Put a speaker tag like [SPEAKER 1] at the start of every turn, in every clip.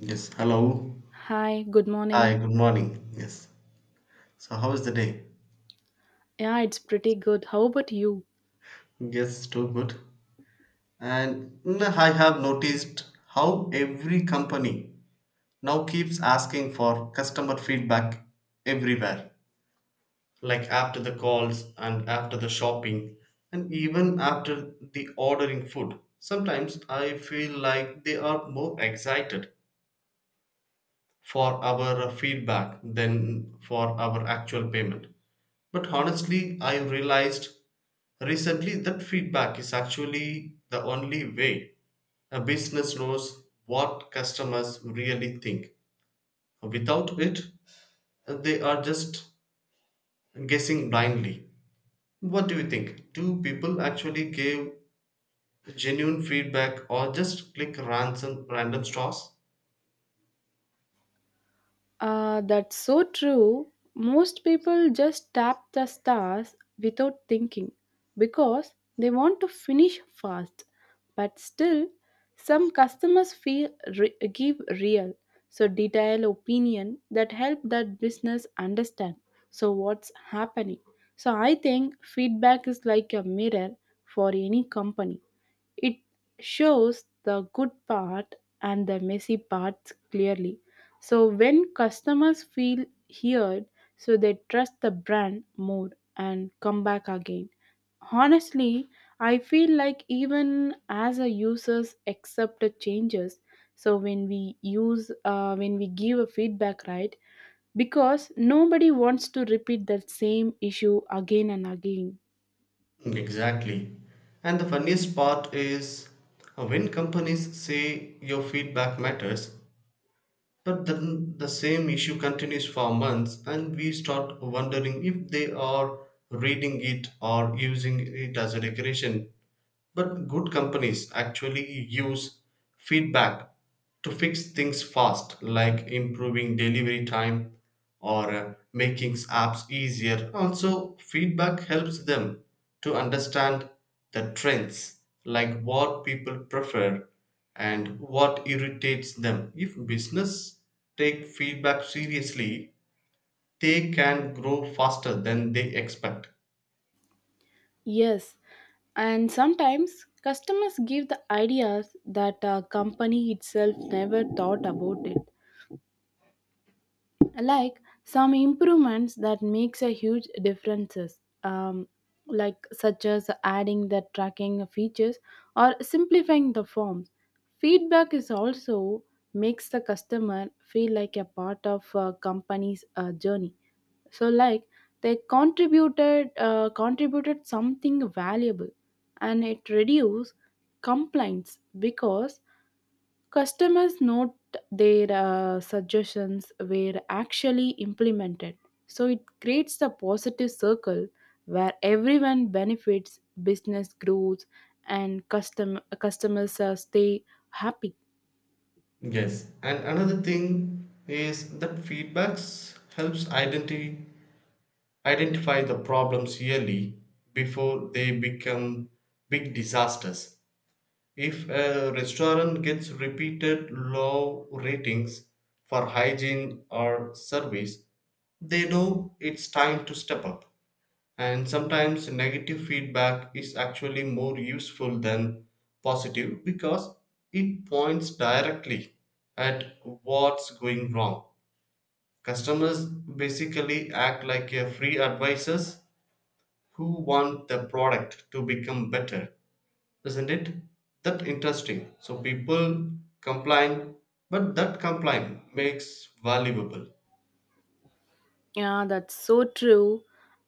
[SPEAKER 1] Yes, hello.
[SPEAKER 2] Hi, good
[SPEAKER 1] Hi,
[SPEAKER 2] morning.
[SPEAKER 1] good morning. Yes. So, how is the day?
[SPEAKER 2] Yeah, it's pretty good. How about you?
[SPEAKER 1] Yes, too good. And I have noticed how every company now keeps asking for customer feedback everywhere, like after the calls and after the shopping, and even after the ordering food. Sometimes I feel like they are more excited for our feedback than for our actual payment. But honestly, I realized recently that feedback is actually the only way a business knows what customers really think. Without it, they are just guessing blindly. What do you think? Do people actually give genuine feedback or just click random straws?
[SPEAKER 2] That's so true. Most people just tap the stars without thinking because they want to finish fast. But still, some customers feel give real, so detailed opinion that help that business understand. So what's happening? So I think feedback is like a mirror for any company. It shows the good part and the messy parts clearly. So when customers feel heard, so they trust the brand more and come back again. Honestly, I feel like even as a users accept the changes, so when we use when we give a feedback right because nobody wants to repeat that same issue again and again.
[SPEAKER 1] Exactly. And the funniest part is when companies say your feedback matters, but then the same issue continues for months, and we start wondering if they are reading it or using it as a decoration, but good companies actually use feedback to fix things fast, like improving delivery time or making apps easier. Also, feedback helps them to understand the trends, like what people prefer and what irritates them. If business take feedback seriously, they can grow faster than they expect.
[SPEAKER 2] Yes, and sometimes customers give the ideas that a company itself never thought about it like some improvements that makes a huge differences, um, like such as adding the tracking features or simplifying the forms. Feedback is also makes the customer feel like a part of a company's journey, so like they contributed, contributed something valuable, and it reduced complaints because customers note their suggestions were actually implemented. So it creates a positive circle where everyone benefits, business grows, and customers stay happy.
[SPEAKER 1] Yes, and another thing is that feedbacks helps identity identify the problems early before they become big disasters. If a restaurant gets repeated low ratings for hygiene or service, they know it's time to step up. And sometimes negative feedback is actually more useful than positive because it points directly at what's going wrong. Customers basically act like a free advisors who want the product to become better. Isn't it? That interesting. So people complain, but that complaint makes valuable.
[SPEAKER 2] Yeah, that's so true.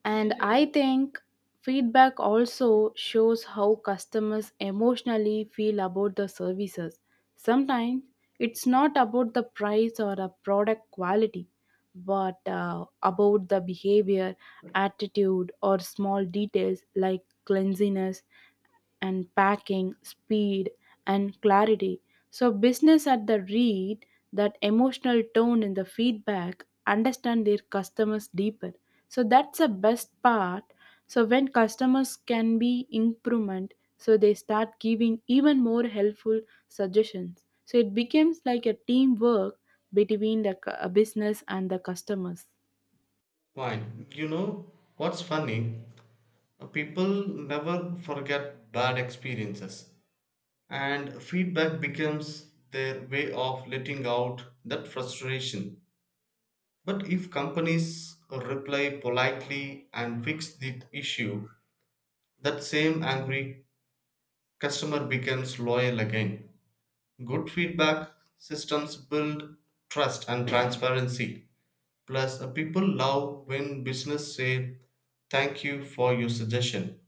[SPEAKER 2] And I think feedback also shows how customers emotionally feel about the services. Sometimes it's not about the price or a product quality, but about the behavior, attitude, or small details like cleanliness and packing, speed, and clarity. So, business at the read that emotional tone in the feedback, understand their customers deeper. So, that's the best part. So, when customers can be improvement, so they start giving even more helpful suggestions. So, it becomes like a teamwork between the business and the customers.
[SPEAKER 1] Fine. You know what's funny? People never forget bad experiences, and feedback becomes their way of letting out that frustration. But if companies reply politely and fix the issue, that same angry customer becomes loyal again. Good feedback systems build trust and transparency. Plus, people love when business say, "Thank you for your suggestion.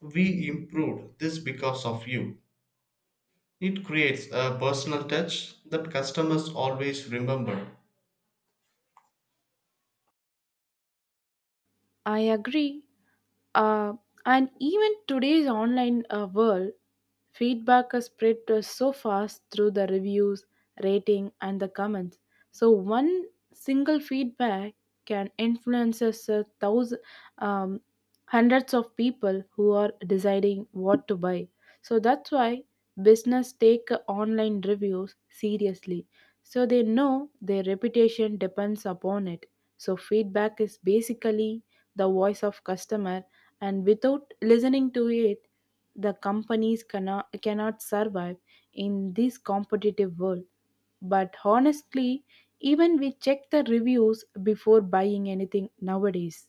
[SPEAKER 1] We improved this because of you." It creates a personal touch that customers always remember.
[SPEAKER 2] I agree. Uh, and even today's online world, feedback is spread so fast through the reviews, rating, and the comments. So one single feedback can influence us, thousand, um, hundreds of people who are deciding what to buy. So that's why business take online reviews seriously so they know their reputation depends upon it. So feedback is basically the voice of customer and without listening to it the companies cannot survive in this competitive world. But honestly, even we check the reviews before buying anything nowadays.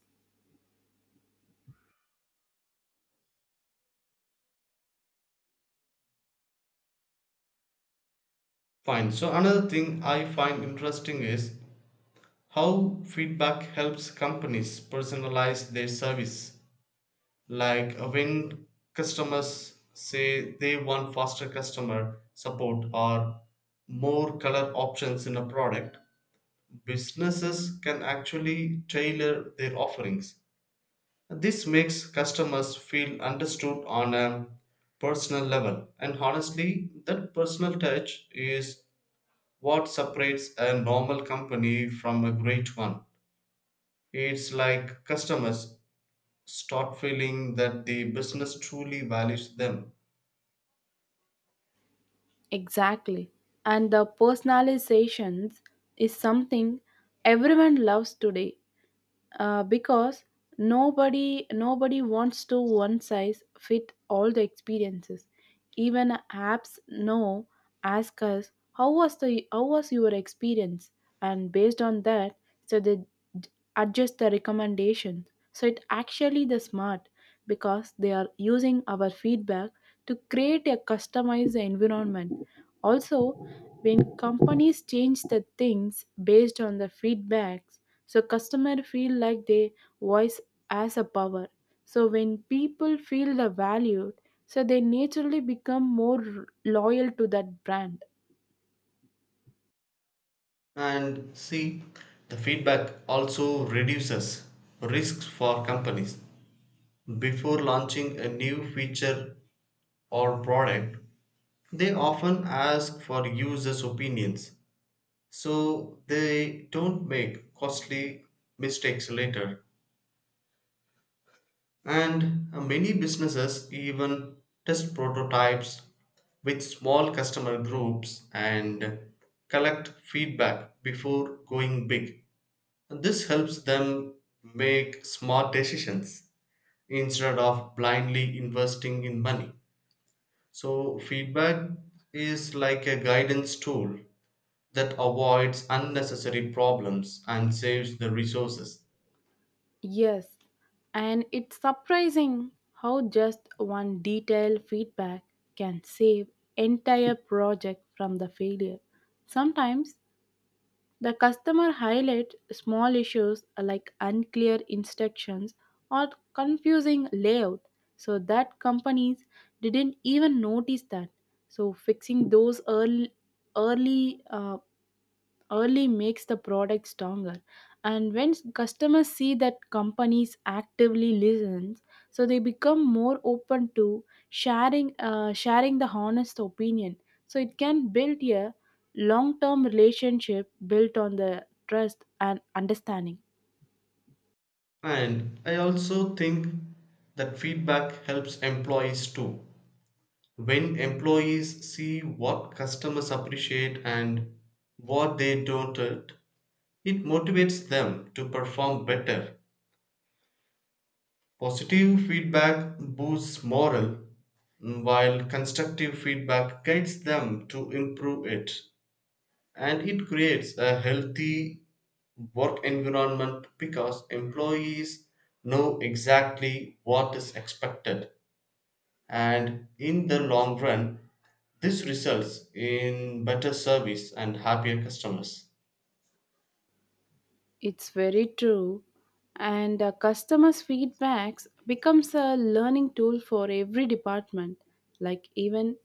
[SPEAKER 1] Fine. So, another thing I find interesting is how feedback helps companies personalize their service. Like when customers say they want faster customer support or more color options in a product, businesses can actually tailor their offerings. This makes customers feel understood on a personal level, and honestly, that personal touch is what separates a normal company from a great one. It's like customers start feeling that the business truly values them.
[SPEAKER 2] Exactly. And the personalizations is something everyone loves today. Because nobody wants to one size fit all the experiences, even apps know ask us how was your experience, and based on that so they d- adjust the recommendation, so it actually the smart because they are using our feedback to create a customized environment. Also, when companies change the things based on the feedbacks, so customer feel like their voice has a power. So when people feel the valued, so they naturally become more loyal to that brand.
[SPEAKER 1] And see, the feedback also reduces risks for companies. Before launching a new feature or product, they often ask for users' opinions so they don't make costly mistakes later. And many businesses even test prototypes with small customer groups and collect feedback before going big. This helps them make smart decisions instead of blindly investing in money. So, feedback is like a guidance tool that avoids unnecessary problems and saves the resources.
[SPEAKER 2] Yes, and it's surprising how just one detailed feedback can save entire project from the failure. Sometimes the customer highlights small issues like unclear instructions or confusing layout so that companies didn't even notice that. So fixing those early uh, early makes the product stronger, and when customers see that companies actively listen, so they become more open to sharing the honest opinion, so it can build a long term relationship built on the trust and understanding.
[SPEAKER 1] And I also think that feedback helps employees too. When employees see what customers appreciate and what they don't, it motivates them to perform better. Positive feedback boosts morale, while constructive feedback guides them to improve it. And it creates a healthy work environment because employees know exactly what is expected, and in the long run this results in better service and happier customers.
[SPEAKER 2] It's very true, and customers feedbacks becomes a learning tool for every department, like even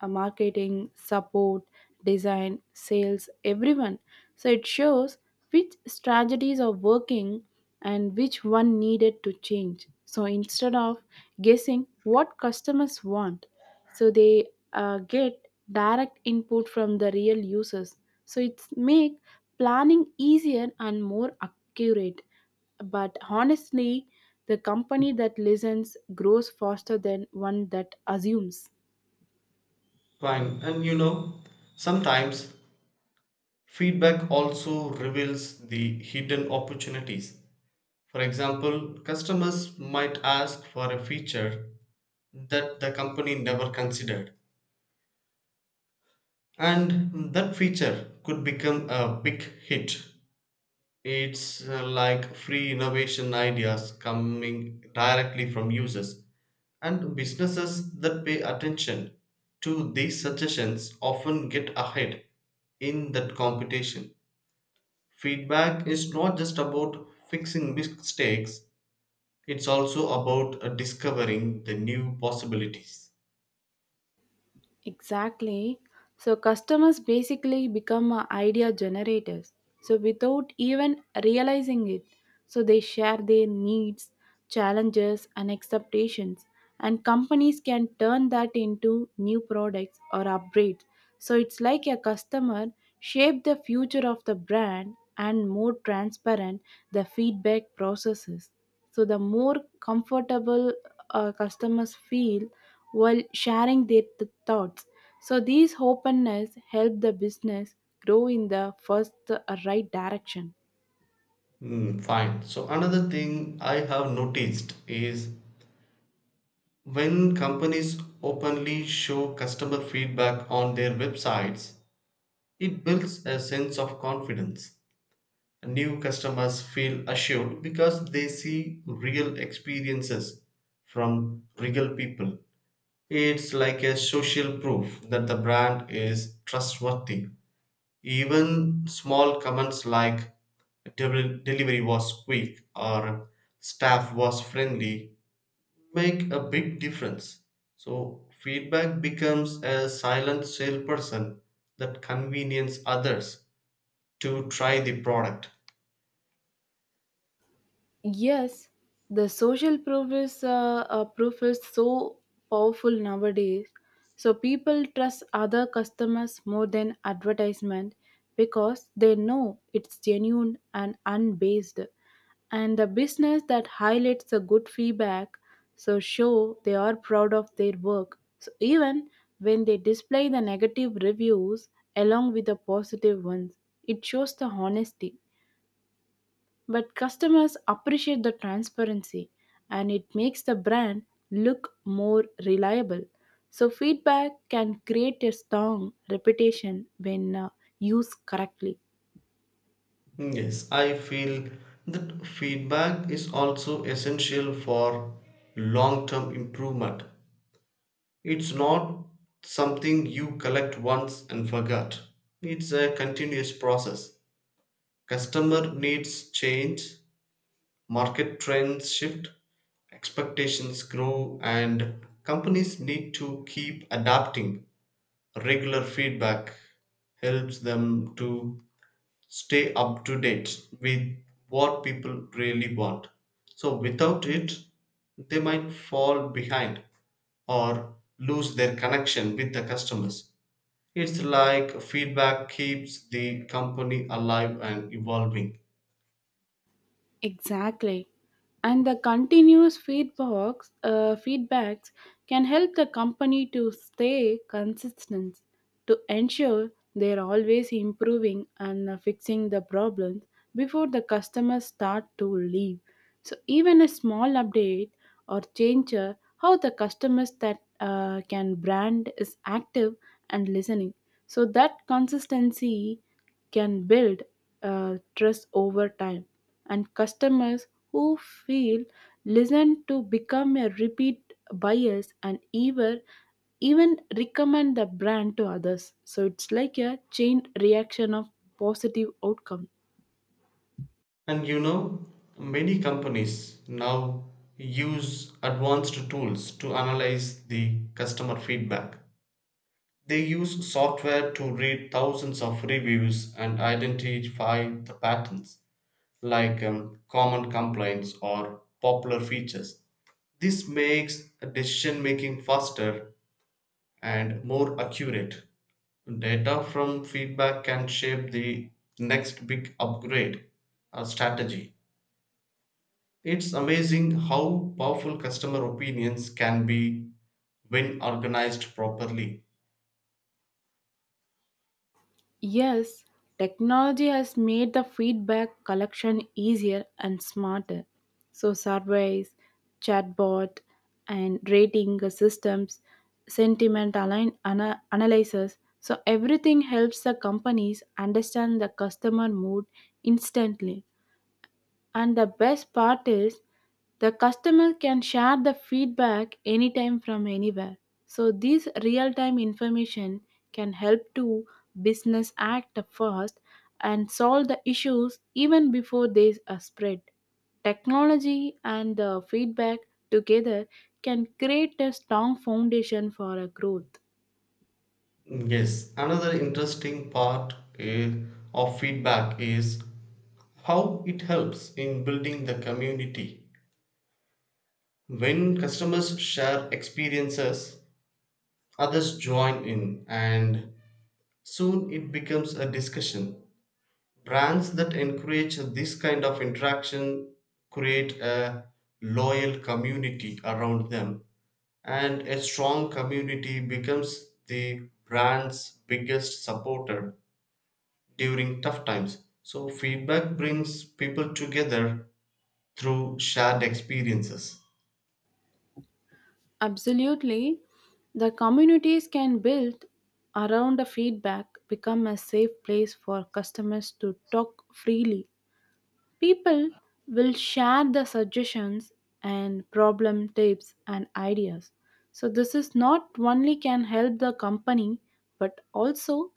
[SPEAKER 2] marketing, support, design, sales, everyone. So it shows which strategies are working and which one needed to change. So instead of guessing what customers want, so they get direct input from the real users. So it's make planning easier and more accurate. But honestly, the company that listens grows faster than one that assumes.
[SPEAKER 1] Fine, and you know, sometimes feedback also reveals the hidden opportunities. For example, customers might ask for a feature that the company never considered, and that feature could become a big hit. It's like free innovation ideas coming directly from users, and businesses that pay attention to these suggestions often get ahead in that competition. Feedback is not just about fixing mistakes, it's also about discovering the new possibilities.
[SPEAKER 2] Exactly. So customers basically become idea generators. So without even realizing it, so they share their needs, challenges, and expectations, and companies can turn that into new products or upgrades. So it's like a customer shape the future of the brand and more transparent the feedback processes. So the more comfortable customers feel while sharing their thoughts. So these openness help the business grow in the first right direction.
[SPEAKER 1] Fine, so another thing I have noticed is when companies openly show customer feedback on their websites, it builds a sense of confidence. New customers feel assured because they see real experiences from real people. It's like a social proof that the brand is trustworthy. Even small comments like delivery was quick" or "staff was friendly" make a big difference. So feedback becomes a silent salesperson that convenience others to try the product.
[SPEAKER 2] Yes, the social proof is so powerful nowadays. So people trust other customers more than advertisement because they know it's genuine and unbased. And the business that highlights the good feedback so show they are proud of their work. So even when they display the negative reviews along with the positive ones, it shows the honesty. But customers appreciate the transparency and it makes the brand look more reliable. So, feedback can create a strong reputation when used correctly.
[SPEAKER 1] Yes, I feel that feedback is also essential for long term improvement. It's not something you collect once and forget, it's a continuous process. Customer needs change, market trends shift, expectations grow, and companies need to keep adapting. Regular feedback helps them to stay up to date with what people really want. So, without it, they might fall behind or lose their connection with the customers. It's like feedback keeps the company alive and evolving.
[SPEAKER 2] Exactly. And the continuous feedbacks can help the company to stay consistent to ensure they're always improving and fixing the problems before the customers start to leave. So even a small update or change how the customers that can brand is active and listening. So that consistency can build trust over time, and customers who feel listened to become a repeat buyers and even recommend the brand to others. So it's like a chain reaction of positive outcome.
[SPEAKER 1] And you know, many companies now use advanced tools to analyze the customer feedback. They use software to read thousands of reviews and identify the patterns, like common complaints or popular features. This makes decision making faster and more accurate. Data from feedback can shape the next big upgrade strategy. It's amazing how powerful customer opinions can be when organized properly.
[SPEAKER 2] Yes, technology has made the feedback collection easier and smarter. So, surveys, chatbot, and rating systems, sentiment analysis. So, everything helps the companies understand the customer mood instantly. And the best part is the customer can share the feedback anytime from anywhere. So this real-time information can help to business act fast and solve the issues even before they are spread. Technology and the feedback together can create a strong foundation for a growth.
[SPEAKER 1] Yes, another interesting part of feedback is how it helps in building the community. When customers share experiences, others join in, and soon it becomes a discussion. Brands that encourage this kind of interaction create a loyal community around them, and a strong community becomes the brand's biggest supporter during tough times. So, feedback brings people together through shared experiences.
[SPEAKER 2] Absolutely. The communities can build around the feedback become a safe place for customers to talk freely. People will share the suggestions and problem tips and ideas. So this is not only can help the company but also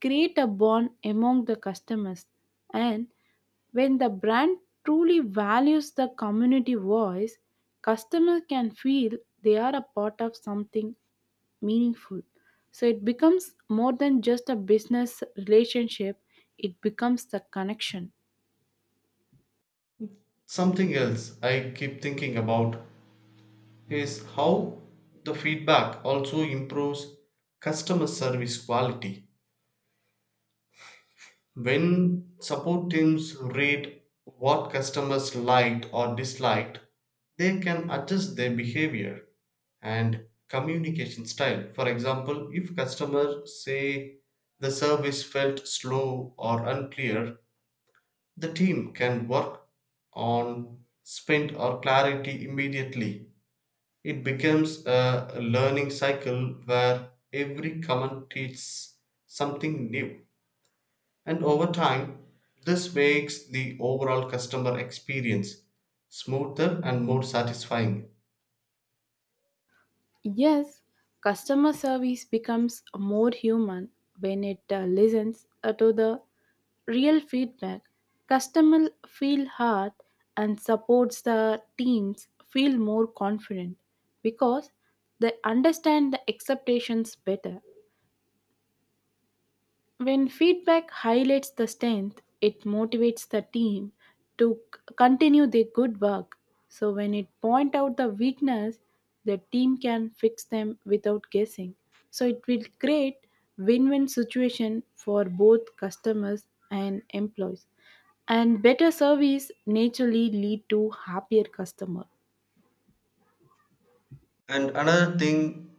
[SPEAKER 2] create a bond among the customers, and when the brand truly values the community voice, customers can feel they are a part of something meaningful. So it becomes more than just a business relationship, it becomes the connection.
[SPEAKER 1] Something else I keep thinking about is how the feedback also improves customer service quality. When support teams read what customers liked or disliked, they can adjust their behavior and communication style. For example, if customers say the service felt slow or unclear, the team can work on spend or clarity immediately. It becomes a learning cycle where every comment teaches something new. And over time, this makes the overall customer experience smoother and more satisfying.
[SPEAKER 2] Yes, customer service becomes more human when it listens to the real feedback. Customer feel heard and supports the teams feel more confident because they understand the expectations better. When feedback highlights the strength, it motivates the team to continue their good work. So when it point out the weakness, the team can fix them without guessing. So it will create win-win situation for both customers and employees. And better service naturally lead to happier customer.
[SPEAKER 1] And another thing,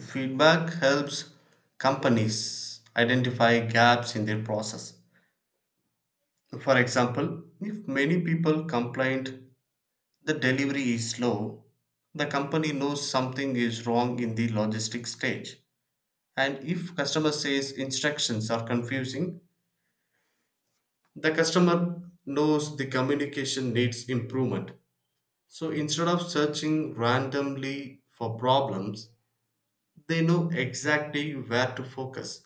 [SPEAKER 1] feedback helps companies identify gaps in their process. For example, if many people complained the delivery is slow, the company knows something is wrong in the logistics stage. And if customer says instructions are confusing, the customer knows the communication needs improvement. So instead of searching randomly for problems, they know exactly where to focus.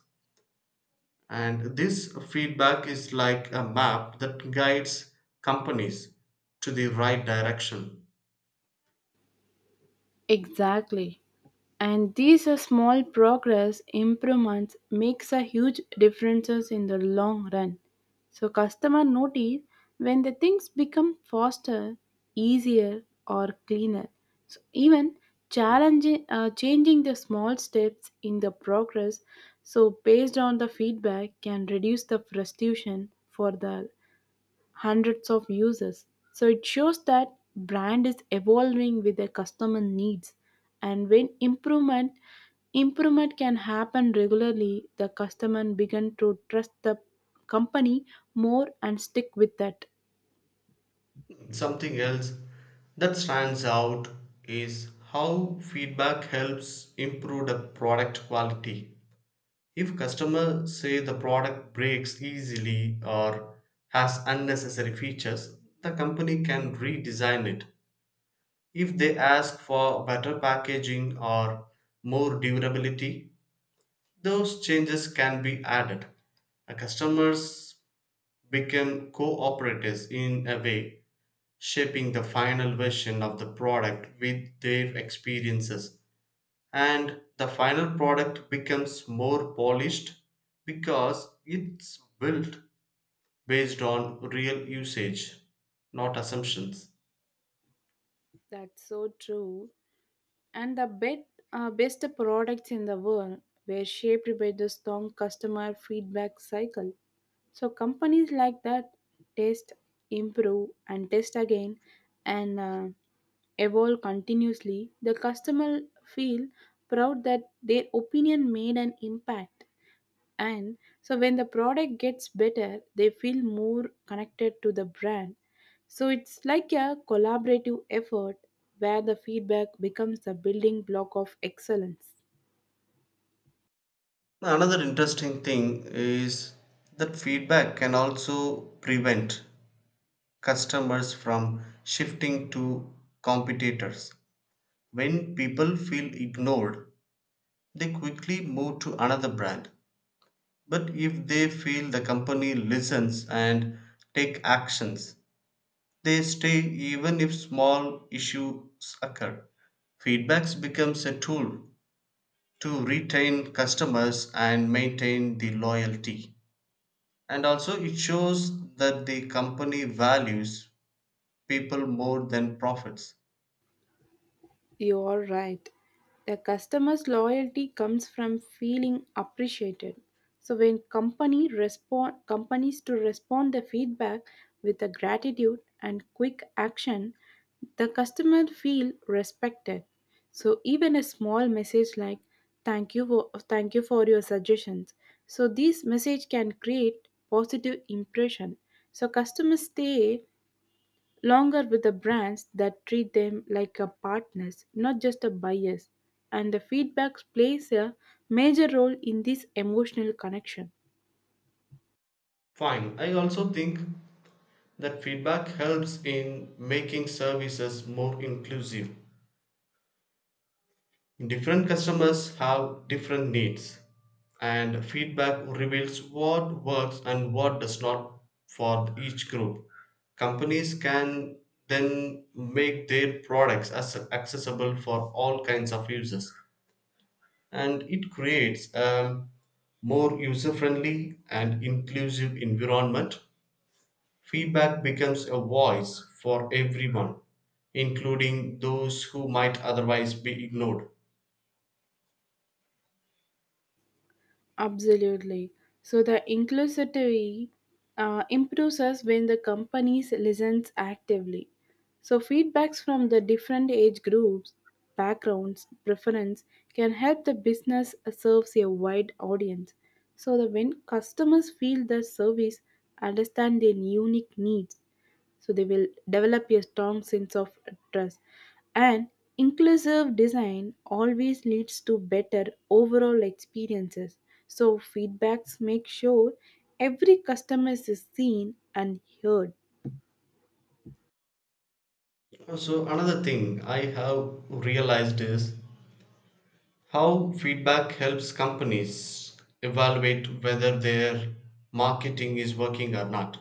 [SPEAKER 1] And this feedback is like a map that guides companies to the right direction.
[SPEAKER 2] Exactly. And these are small progress improvements makes a huge differences in the long run. So customer notice when the things become faster, easier or cleaner. So even challenging changing the small steps in the progress so based on the feedback can reduce the frustration for the hundreds of users. So it shows that brand is evolving with their customer needs, and when improvement can happen regularly, the customer begin to trust the company more and stick with that.
[SPEAKER 1] Something else that stands out is how feedback helps improve the product quality. If customers say the product breaks easily or has unnecessary features, the company can redesign it. If they ask for better packaging or more durability, those changes can be added. Customers become cooperatives in a way, shaping the final version of the product with their experiences, and the final product becomes more polished because it's built based on real usage, not assumptions.
[SPEAKER 2] That's so true. And the best products in the world were shaped by the strong customer feedback cycle. So companies like that test, improve, and test again, and evolve continuously. The customer feel proud that their opinion made an impact, and so when the product gets better they feel more connected to the brand. So it's like a collaborative effort where the feedback becomes the building block of excellence.
[SPEAKER 1] Another interesting thing is that feedback can also prevent customers from shifting to competitors. When people feel ignored, they quickly move to another brand. But if they feel the company listens and take actions, they stay even if small issues occur. Feedbacks becomes a tool to retain customers and maintain the loyalty. And also it shows that the company values people more than profits.
[SPEAKER 2] You're right. The customer's loyalty comes from feeling appreciated. So when company respond companies to respond the feedback with the gratitude and quick action, the customer feel respected. So even a small message like thank you for your suggestions. So this message can create positive impression. So customers stay longer with the brands that treat them like a partners, not just a buyers. And the feedback plays a major role in this emotional connection.
[SPEAKER 1] Fine. I also think that feedback helps in making services more inclusive. Different customers have different needs, and feedback reveals what works and what does not for each group. Companies can then make their products as accessible for all kinds of users, and it creates a more user friendly and inclusive environment. Feedback becomes a voice for everyone, including those who might otherwise be ignored.
[SPEAKER 2] Absolutely. So the inclusivity improves us when the companies listens actively. So feedbacks from the different age groups, backgrounds, preference can help the business serves a wide audience. So that when customers feel the service understand their unique needs, so they will develop a strong sense of trust, and inclusive design always leads to better overall experiences. So feedbacks make sure every customer is seen and heard.
[SPEAKER 1] So, another thing I have realized is how feedback helps companies evaluate whether their marketing is working or not.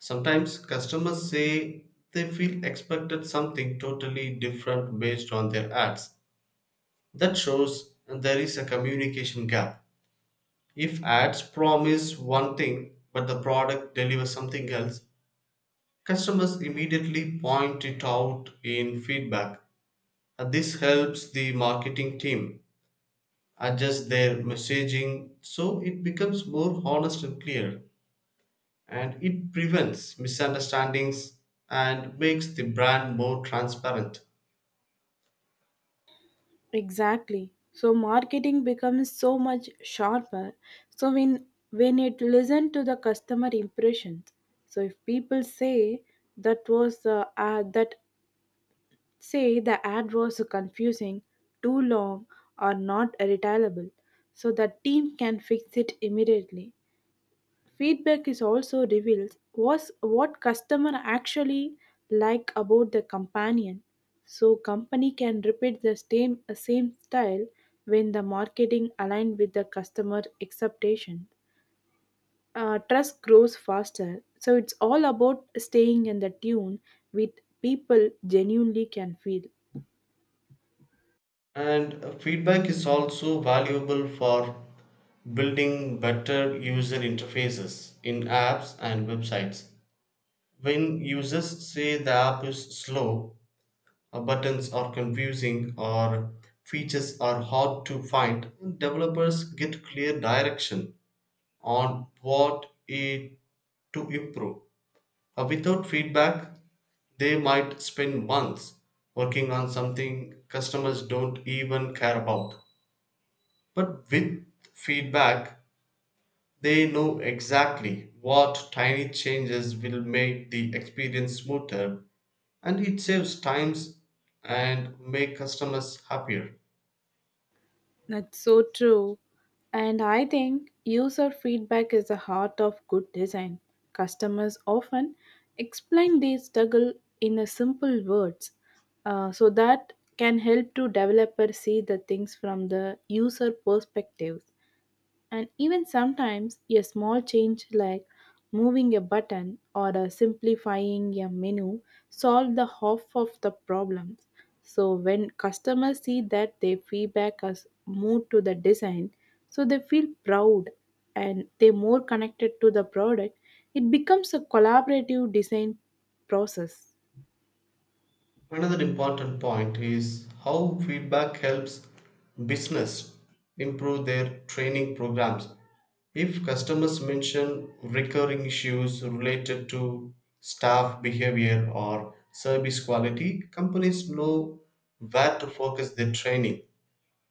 [SPEAKER 1] Sometimes customers say they feel expected something totally different based on their ads. That shows there is a communication gap. If ads promise one thing but the product delivers something else, customers immediately point it out in feedback. This helps the marketing team adjust their messaging so it becomes more honest and clear, and it prevents misunderstandings and makes the brand more transparent.
[SPEAKER 2] Exactly, so marketing becomes so much sharper, so when it listen to the customer impressions. So if people say that was that say the ad was confusing, too long, or not retailable, so the team can fix it immediately. Feedback is also reveals was what customer actually like about the companion, so company can repeat the same style. When the marketing aligned with the customer expectation. Trust grows faster, so it's all about staying in the tune with people genuinely can feel.
[SPEAKER 1] And feedback is also valuable for building better user interfaces in apps and websites. When users say the app is slow, buttons are confusing or features are hard to find, and developers get clear direction on what it to improve. Without feedback, they might spend months working on something customers don't even care about. But with feedback, they know exactly what tiny changes will make the experience smoother, and it saves times and make customers happier.
[SPEAKER 2] That's so true. And I think user feedback is the heart of good design. Customers often explain their struggle in a simple words, so that can help to developer see the things from the user perspective. And even sometimes a small change like moving a button or simplifying a menu solve the half of the problems. So when customers see that their feedback has moved to the design, so they feel proud and they more connected to the product. It becomes a collaborative design process.
[SPEAKER 1] Another important point is how feedback helps business improve their training programs. If customers mention recurring issues related to staff behavior or service quality, companies know where to focus their training.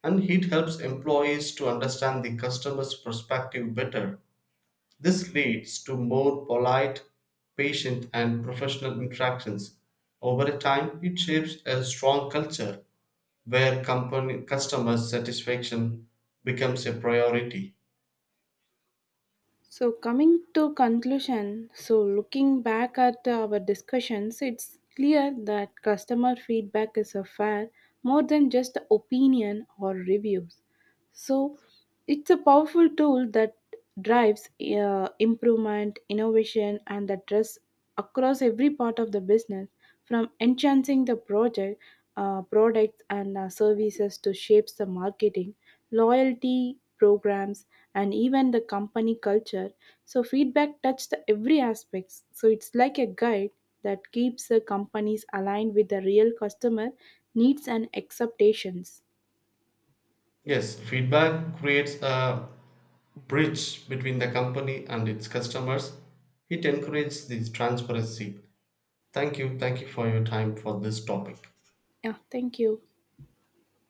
[SPEAKER 1] And it helps employees to understand the customer's perspective better. This leads to more polite, patient, and professional interactions. Over time, it shapes a strong culture where company customer satisfaction becomes a priority.
[SPEAKER 2] So, coming to conclusion, so looking back at our discussions, it's clear that customer feedback is a fair more than just opinion or reviews. So it's a powerful tool that drives improvement, innovation, and that dress across every part of the business, from enhancing the project, products, and services to shapes the marketing, loyalty programs, and even the company culture. So feedback touched every aspects. So it's like a guide that keeps the companies aligned with the real customer needs and expectations.
[SPEAKER 1] Yes, feedback creates a bridge between the company and its customers. It encourages the transparency. Thank you. Thank you for your time for this topic.
[SPEAKER 2] Yeah, thank you.